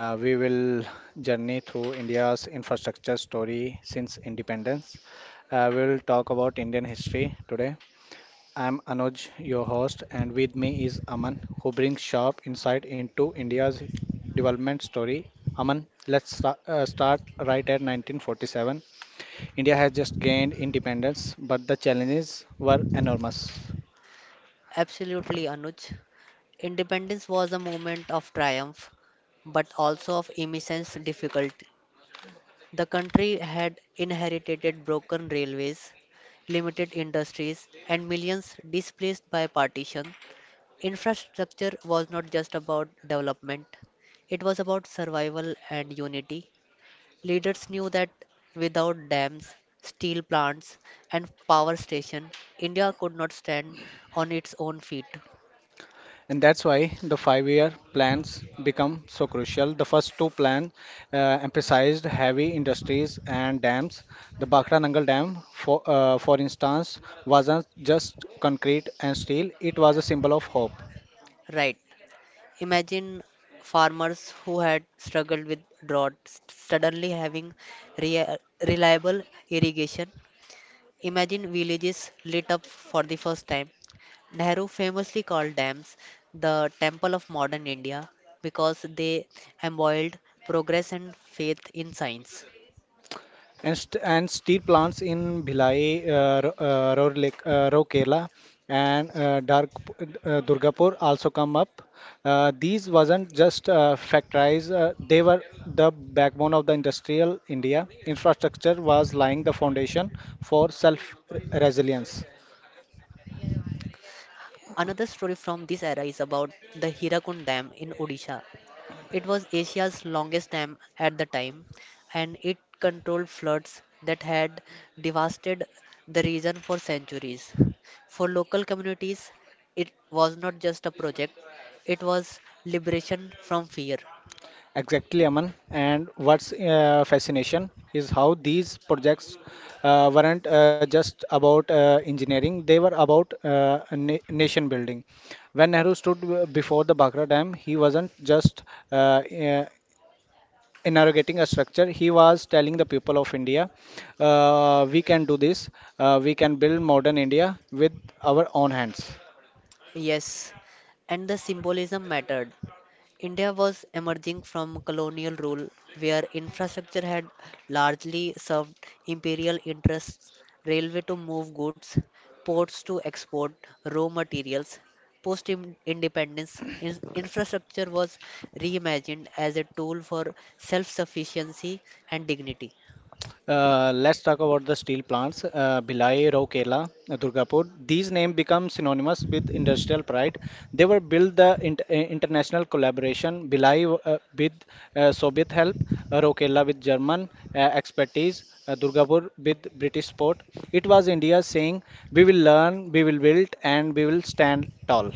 We will journey through India's infrastructure story since independence. We will talk about Indian history today. I'm Anuj, your host, and with me is Aman, who brings sharp insight into India's development story. Aman, let's start right at 1947. India has just gained independence, but the challenges were enormous. Absolutely, Anuj. Independence was a moment of triumph, but also of immense difficulty. The country had inherited broken railways, limited industries, and millions displaced by partition. Infrastructure was not just about development, it was about survival and unity. Leaders knew that without dams, steel plants, and power station, India could not stand on its own feet. And that's why the five-year plans become so crucial. The first two plans uh, emphasized heavy industries and dams. The Bhakra Nangal Dam, for instance, wasn't just concrete and steel; it was a symbol of hope. Right. Imagine farmers who had struggled with suddenly having rea- reliable irrigation. Imagine villages lit up for the first time. Nehru famously called dams the temple of modern India because they embodied progress and faith in science. And steel plants in Bhilai, Rourkela, and Durgapur also come up. These wasn't just factories; they were the backbone of the industrial India. Infrastructure was lying the foundation for self-resilience. Another story from this era is about the Hirakund Dam in Odisha. It was Asia's longest dam at the time, and it controlled floods that had devastated the region for centuries. For local communities, it was not just a project, it was liberation from fear. Exactly, Aman. And what's fascination is how these projects weren't just about engineering, they were about na nation building. When Nehru stood before the Bhakra Dam, he wasn't just uh, uh, inaugurating a structure, he was telling the people of India, we can do this, we can build modern India with our own hands. Yes, and the symbolism mattered. India was emerging from colonial rule, where infrastructure had largely served imperial interests railway to move goods, ports to export raw materials. Post independence, infrastructure was reimagined as a tool for self sufficiency and dignity. Let's talk about the steel plants, Bhilai, Raukela, Durgapur. These names become synonymous with industrial pride. They were built the international collaboration, Bhilai with Soviet help, Raukela with German expertise, Durgapur with British support. It was India saying, "We will learn, we will build, and we will stand tall."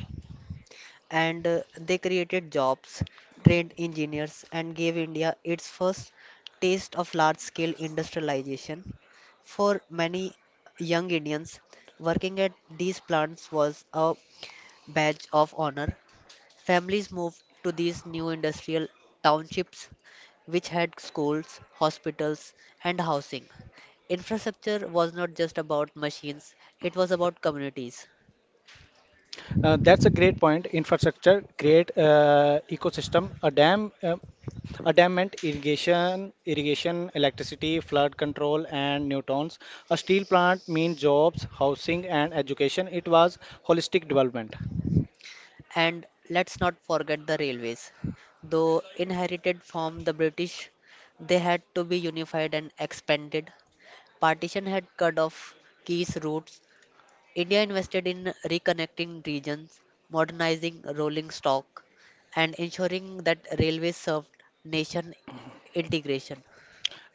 And They created jobs, trained engineers, and gave India its first taste of large scale industrialization. For many young Indians, working at these plants was a badge of honor. Families moved to these new industrial townships, which had schools, hospitals, and housing. Infrastructure was not just about machines, it was about communities. That's a great point. Infrastructure, create ecosystem, a dam meant irrigation, irrigation, electricity, flood control, and Newtons. A steel plant means jobs, housing, and education. It was holistic development. And let's not forget the railways. Though inherited from the British, they had to be unified and expanded. Partition had cut off key routes. India invested in reconnecting regions, modernizing rolling stock, and ensuring that railways served nation integration.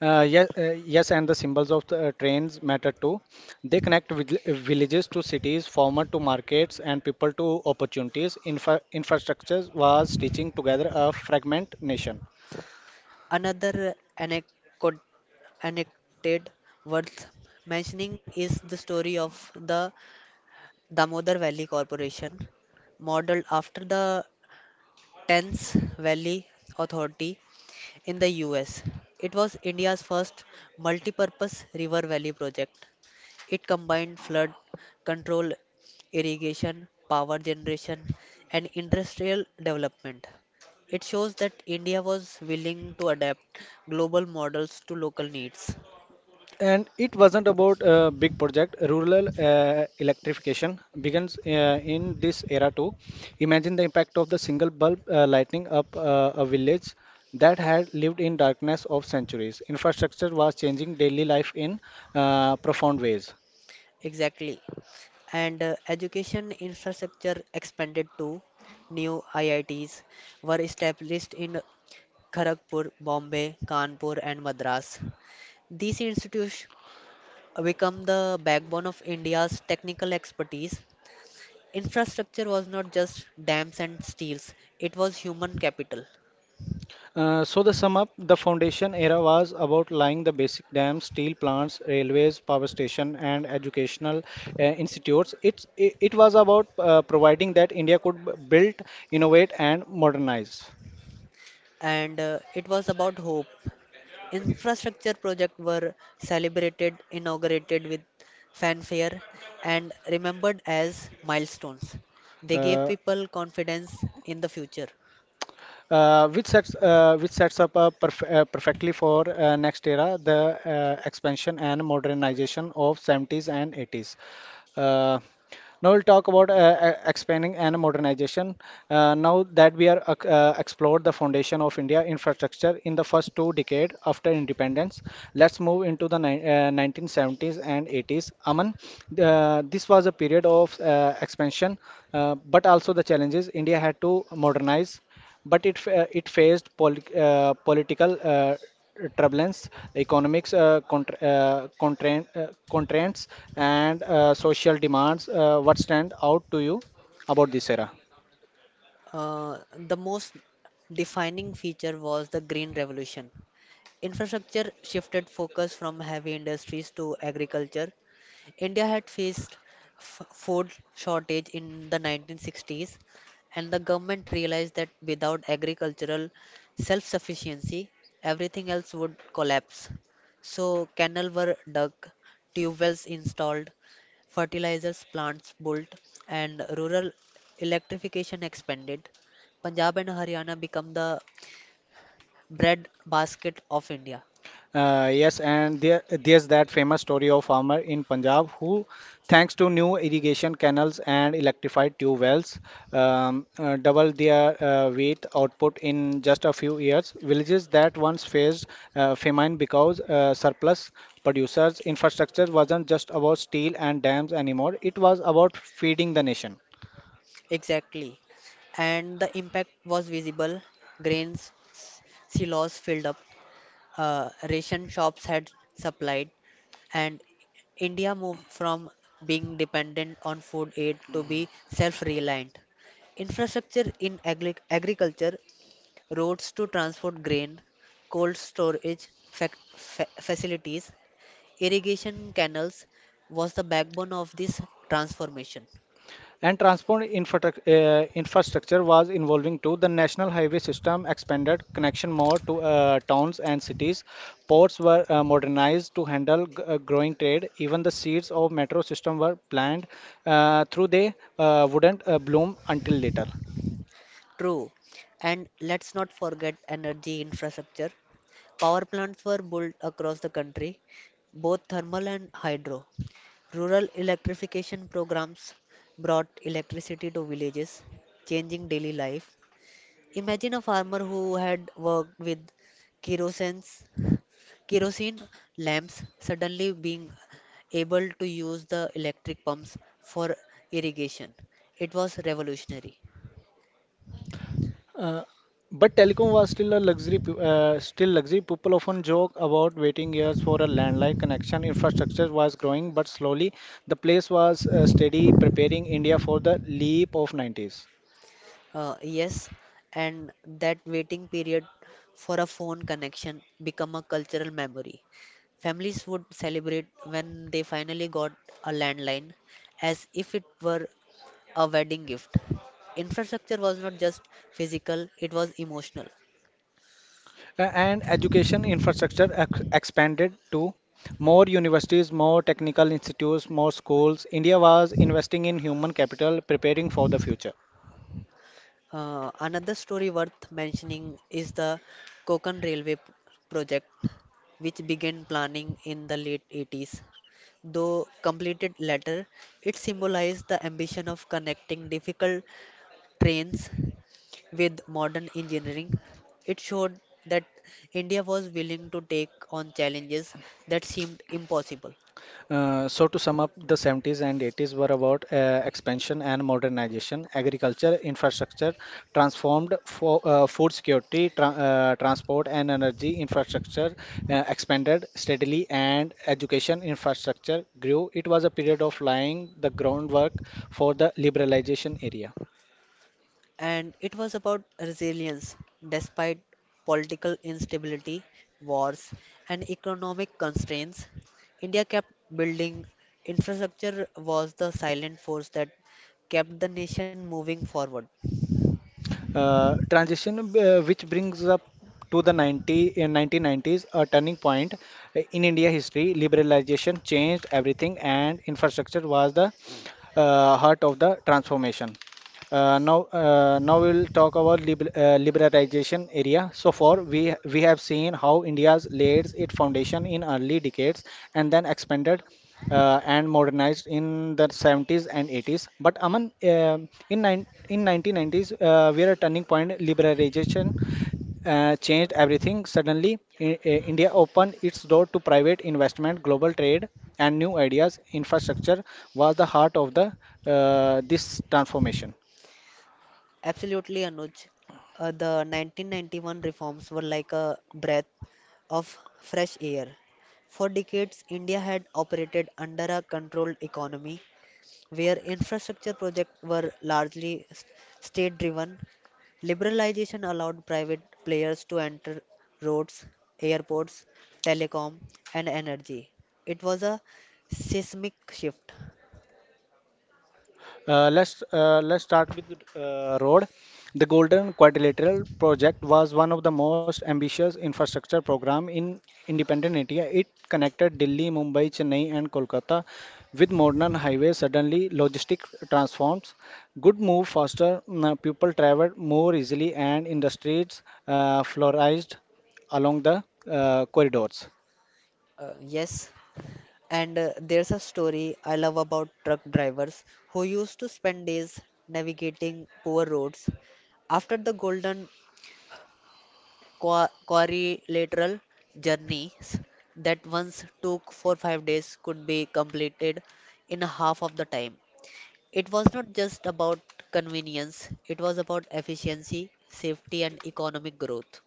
Yes, and the symbols of the trains matter too. They connect villages to cities, farmer to markets, and people to opportunities. Infrastructure was stitching together a fragment nation. Another anecdote worth mentioning is the story of the Damodar Valley Corporation, modeled after the Thames Valley Authority in the US. It was India's first multi-purpose river valley project. It combined flood control, irrigation, power generation, and industrial development. It shows that India was willing to adapt global models to local needs. And it wasn't about a big project. Rural electrification begins in this era too. Imagine the impact of the single bulb lighting up a village that had lived in darkness of centuries. Infrastructure was changing daily life in profound ways. Exactly. and Education infrastructure expanded too. New IITs were established in Kharagpur, Bombay, Kanpur, and Madras. These institutions become the backbone of India's technical expertise. Infrastructure was not just dams and steels, it was human capital. So the sum up, the foundation era was about laying the basic dams, steel plants, railways, power station, and educational institutes. It was about providing that India could build, innovate, and modernize. And It was about hope. Infrastructure projects were celebrated, inaugurated with fanfare, and remembered as milestones. They gave Uh, people confidence in the future. which sets up perf perfectly for next era, the expansion and modernization of 70s and 80s. Uh, Now we'll talk about expanding and modernization. Now that we are explored the foundation of India infrastructure in the first two decades after independence, let's move into the 1970s and 80s. Aman, this was a period of expansion, but also the challenges. India had to modernize, but it faced political turbulence, economics constraints, and social demands. What stand out to you about this era? The most defining feature was the Green Revolution. Infrastructure shifted focus from heavy industries to agriculture. India had faced food shortage in the 1960s, and the government realized that without agricultural self-sufficiency, everything else would collapse. So canals were dug, tube wells installed, fertilizers plants built, and rural electrification expanded. Punjab and Haryana become the bread basket of India. There's that famous story of farmer in Punjab who, thanks to new irrigation canals and electrified tube wells, doubled their wheat output in just a few years. Villages that once faced famine because surplus producers' infrastructure wasn't just about steel and dams anymore; it was about feeding the nation. Exactly. And the impact was visible. Grains s- Silos filled up, ration shops had supplied, and India moved from being dependent on food aid to be self-reliant. Infrastructure in agriculture, roads to transport grain, cold storage facilities, irrigation canals was the backbone of this transformation. And transport infrastructure was evolving too. The national highway system expanded connection more to towns and cities. Ports were modernized to handle growing trade. Even the seeds of metro system were planned through they wouldn't bloom until later. True. And let's not forget energy infrastructure. Power plants were built across the country, both thermal and hydro. Rural electrification programs brought electricity to villages, changing daily life. Imagine a farmer who had worked with kerosene, kerosene lamps suddenly being able to use the electric pumps for irrigation. It was revolutionary. Uh, but telecom was still a luxury, still luxury. People often joke about waiting years for a landline connection. Infrastructure was growing, but slowly. The place was steady preparing India for the leap of 90s. Yes, and that waiting period for a phone connection become a cultural memory. Families would celebrate when they finally got a landline as if it were a wedding gift. Infrastructure was not just physical, it was emotional. And education infrastructure expanded to more universities, more technical institutes, more schools. India was investing in human capital, preparing for the future. Another story worth mentioning is the Konkan Railway project, which began planning in the late 80s. Though completed later, it symbolized the ambition of connecting difficult trains with modern engineering. It showed that India was willing to take on challenges that seemed impossible. So to sum up, the 70s and 80s were about expansion and modernization, agriculture, infrastructure, transformed for food security, transport and energy infrastructure expanded steadily, and education infrastructure grew. It was a period of laying the groundwork for the liberalization area. And it was about resilience despite political instability, wars, and economic constraints. India kept building infrastructure was the silent force that kept the nation moving forward. Transition which brings up to the 90 in 1990s a turning point in India history liberalization changed everything and infrastructure was the heart of the transformation. Now we'll talk about liberalization area. So far, we have seen how India's laid its foundation in early decades and then expanded and modernized in the 70s and 80s. But Aman, in 1990s, we are a turning point. Liberalization changed everything. Suddenly, India opened its door to private investment, global trade, and new ideas. Infrastructure was the heart of the this transformation. Absolutely, Anuj. The 1991 reforms were like a breath of fresh air. For decades, India had operated under a controlled economy where infrastructure projects were largely state driven. Liberalization allowed private players to enter roads, airports, telecom, and energy. It was a seismic shift. Let's start with road. The Golden Quadrilateral project was one of the most ambitious infrastructure program in independent India. It connected Delhi, Mumbai, Chennai, and Kolkata with modern highways. Suddenly, logistics transforms. Good move faster. People traveled more easily, and industries flourished along the corridors. Yes, and there's a story I love about truck drivers who used to spend days navigating poor roads. After the golden quadrilateral, journeys that once took 4-5 days could be completed in half of the time. It was not just about convenience, it was about efficiency, safety, and economic growth.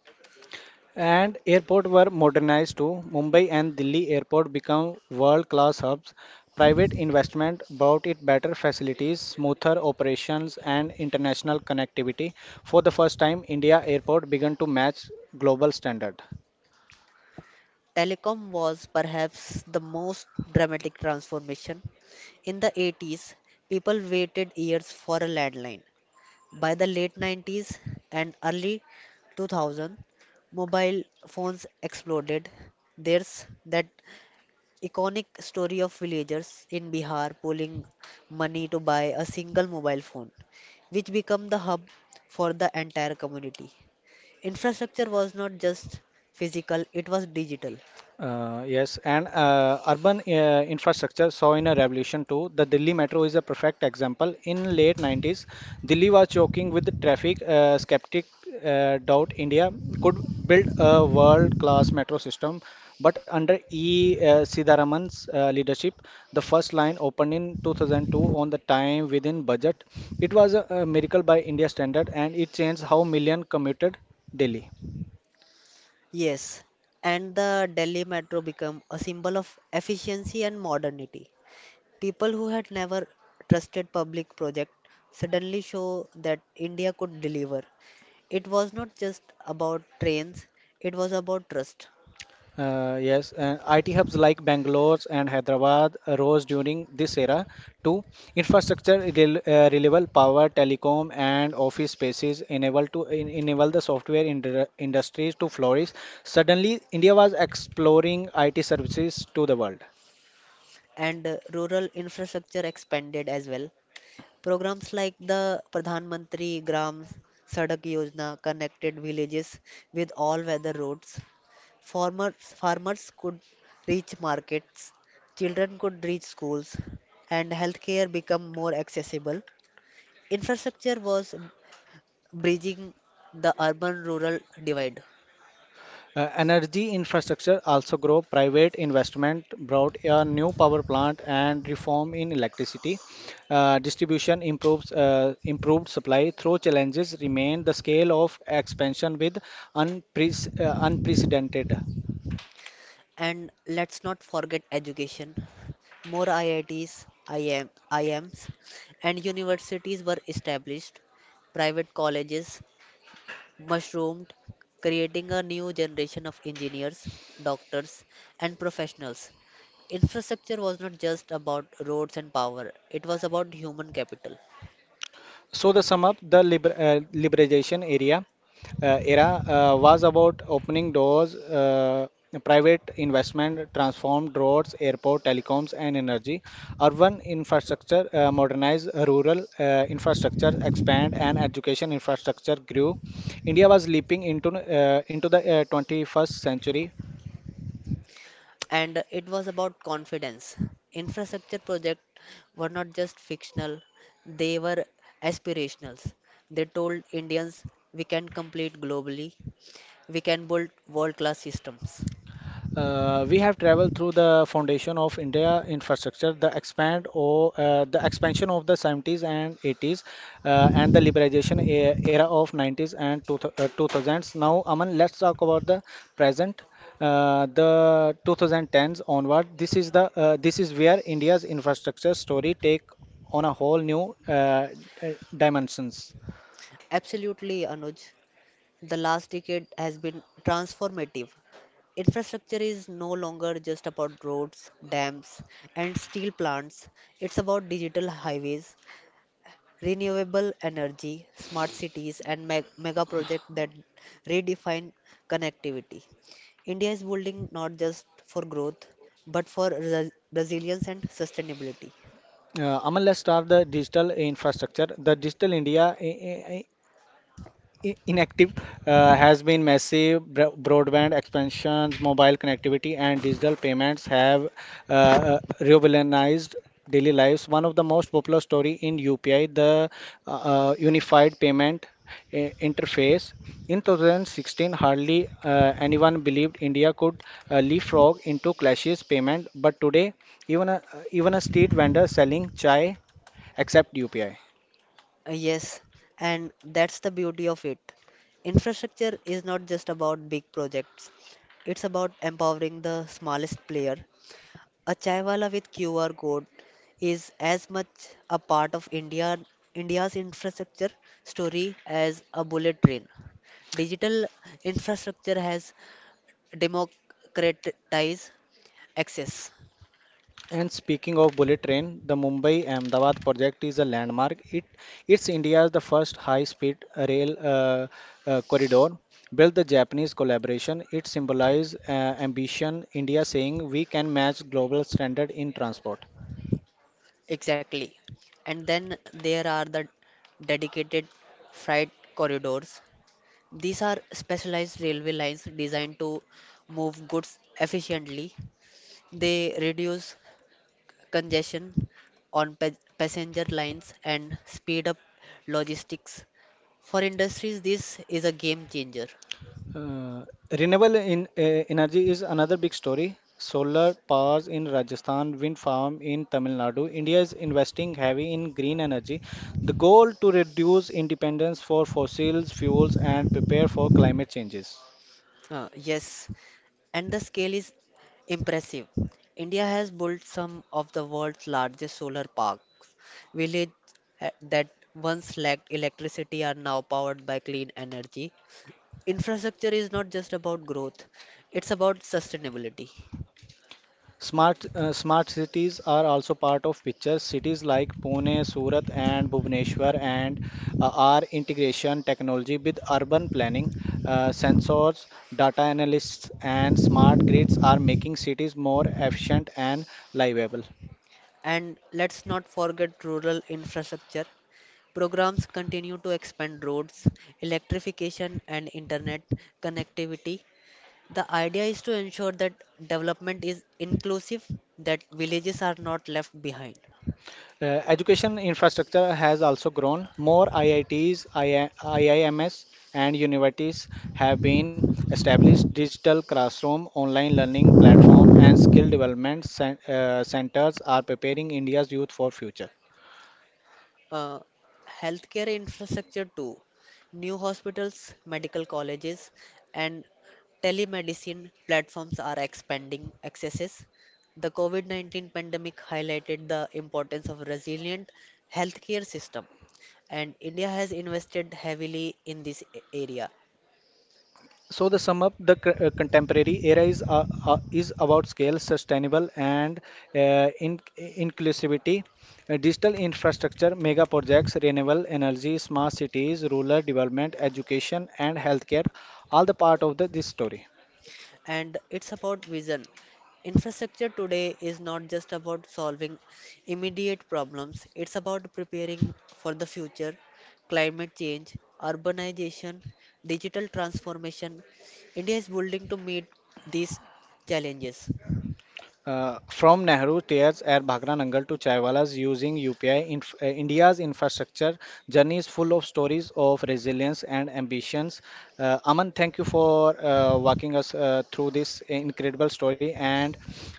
And airport were modernized too. Mumbai and Delhi airport become world-class hubs. Private investment brought it better facilities, smoother operations, and international connectivity. For the first time, India airport began to match global standard. Telecom was perhaps the most dramatic transformation. In the 80s, people waited years for a landline. By the late 90s and early 2000, mobile phones exploded. There's that iconic story of villagers in Bihar pooling money to buy a single mobile phone, which became the hub for the entire community. Infrastructure was not just physical, it was digital. Yes, and Urban infrastructure saw in a revolution too. The Delhi metro is a perfect example. In late 90s, Delhi was choking with the traffic. Skeptic doubt India could build a world-class metro system, but under E. Sidaraman's leadership, the first line opened in 2002 on the time within budget. It was a miracle by India standard, and it changed how million commuted daily. Yes, and the Delhi metro became a symbol of efficiency and modernity. People who had never trusted public project suddenly show that India could deliver. It was not just about trains, it was about trust. Yes, and IT hubs like Bangalore and Hyderabad rose during this era. Two, infrastructure, reliable power, telecom, and office spaces enable the software industries to flourish. Suddenly, India was exploring IT services to the world. And Rural infrastructure expanded as well. Programs like the Pradhan Mantri Gram Sadak Yojana connected villages with all-weather roads. Farmers could reach markets, children could reach schools, and healthcare become more accessible. Infrastructure was bridging the urban-rural divide. Energy infrastructure also grow. Private investment brought a new power plant and reform in electricity. Distribution improves improved supply. Though challenges remain, the scale of expansion with unprecedented. And let's not forget education. More IITs, IM, IMs, and universities were established. Private colleges mushroomed, creating a new generation of engineers, doctors, and professionals. Infrastructure was not just about roads and power, it was about human capital. So the sum of the liber- liberalization area era was about opening doors, private investment, transformed roads, airport, telecoms, and energy. Urban infrastructure modernized, rural infrastructure expand, and education infrastructure grew. India was leaping into the 21st century. And it was about confidence. Infrastructure projects were not just fictional, they were aspirational. They told Indians, we can compete globally, we can build world class systems. We have traveled through the foundation of India infrastructure, the expand or the expansion of the 70s and 80s, and the liberalization era of 90s and 2000s. Now, Aman, let's talk about the present, the 2010s onward. This is where India's infrastructure story take on a whole new dimensions. Absolutely, Anuj. The last decade has been transformative. Infrastructure is no longer just about roads, dams, and steel plants. It's about digital highways, renewable energy, smart cities, and mega projects that redefine connectivity. India is building not just for growth, but for resilience and sustainability. Aman, let's start the digital infrastructure. The digital India i- inactive has been massive. Broadband expansion, mobile connectivity, and digital payments have revolutionized daily lives. One of the most popular story in UPI, the Unified Payment Interface. In 2016, hardly anyone believed India could leapfrog into clashless payment, but today, even a, even a street vendor selling chai accept UPI. Yes, and that's the beauty of it. Infrastructure is not just about big projects, it's about empowering the smallest player. A chaiwala with QR code is as much a part of India's infrastructure story as a bullet train. Digital infrastructure has democratized access. And speaking of bullet train, the Mumbai Ahmedabad project is a landmark. It's India's the first high-speed rail corridor built the Japanese collaboration. It symbolizes ambition, India saying we can match global standard in transport. Exactly. And then there are the dedicated freight corridors. These are specialized railway lines designed to move goods efficiently. They reduce congestion on passenger lines and speed up logistics. For industries, this is a game changer. Uh, renewable energy is another big story. Solar powers in Rajasthan, wind farm in Tamil Nadu. India is investing heavy in green energy. The goal to reduce independence for fossil fuels and prepare for climate changes. Yes, and the scale is impressive. India has built some of the world's largest solar parks. Villages that once lacked electricity are now powered by clean energy. Infrastructure is not just about growth, it's about sustainability. Smart cities are also part of picture. Cities like Pune, Surat, and Bhubaneswar and are integration technology with urban planning. Sensors, data analysts, and smart grids are making cities more efficient and livable. And let's not forget rural infrastructure. Programs continue to expand roads, electrification, and internet connectivity. The idea is to ensure that development is inclusive, that villages are not left behind. Education infrastructure has also grown. More IITs, II IIMs, and universities have been established. Digital classroom, online learning platform, and skill development centers are preparing India's youth for future. Uh, healthcare infrastructure too. New hospitals, medical colleges, and telemedicine platforms are expanding accesses. The COVID COVID-19 pandemic highlighted the importance of resilient healthcare system, and India has invested heavily in this area. So the sum up the contemporary era is about scale, sustainable and in inclusivity, digital infrastructure, mega projects, renewable energy, smart cities, rural development, education and healthcare, all the part of this story. And it's about vision. Infrastructure today is not just about solving immediate problems, it's about preparing for the future. Climate change, urbanization, digital transformation. India is building to meet these challenges. From Nehru tears at Bhagranangal to Chaiwalas using UPI, India's infrastructure journey is full of stories of resilience and ambitions. Aman, thank you for walking us through this incredible story. And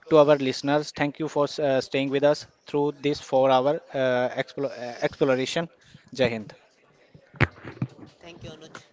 to our listeners, thank you for staying with us through this 4 hour exploration. Jai Hind. Thank you, Anuj.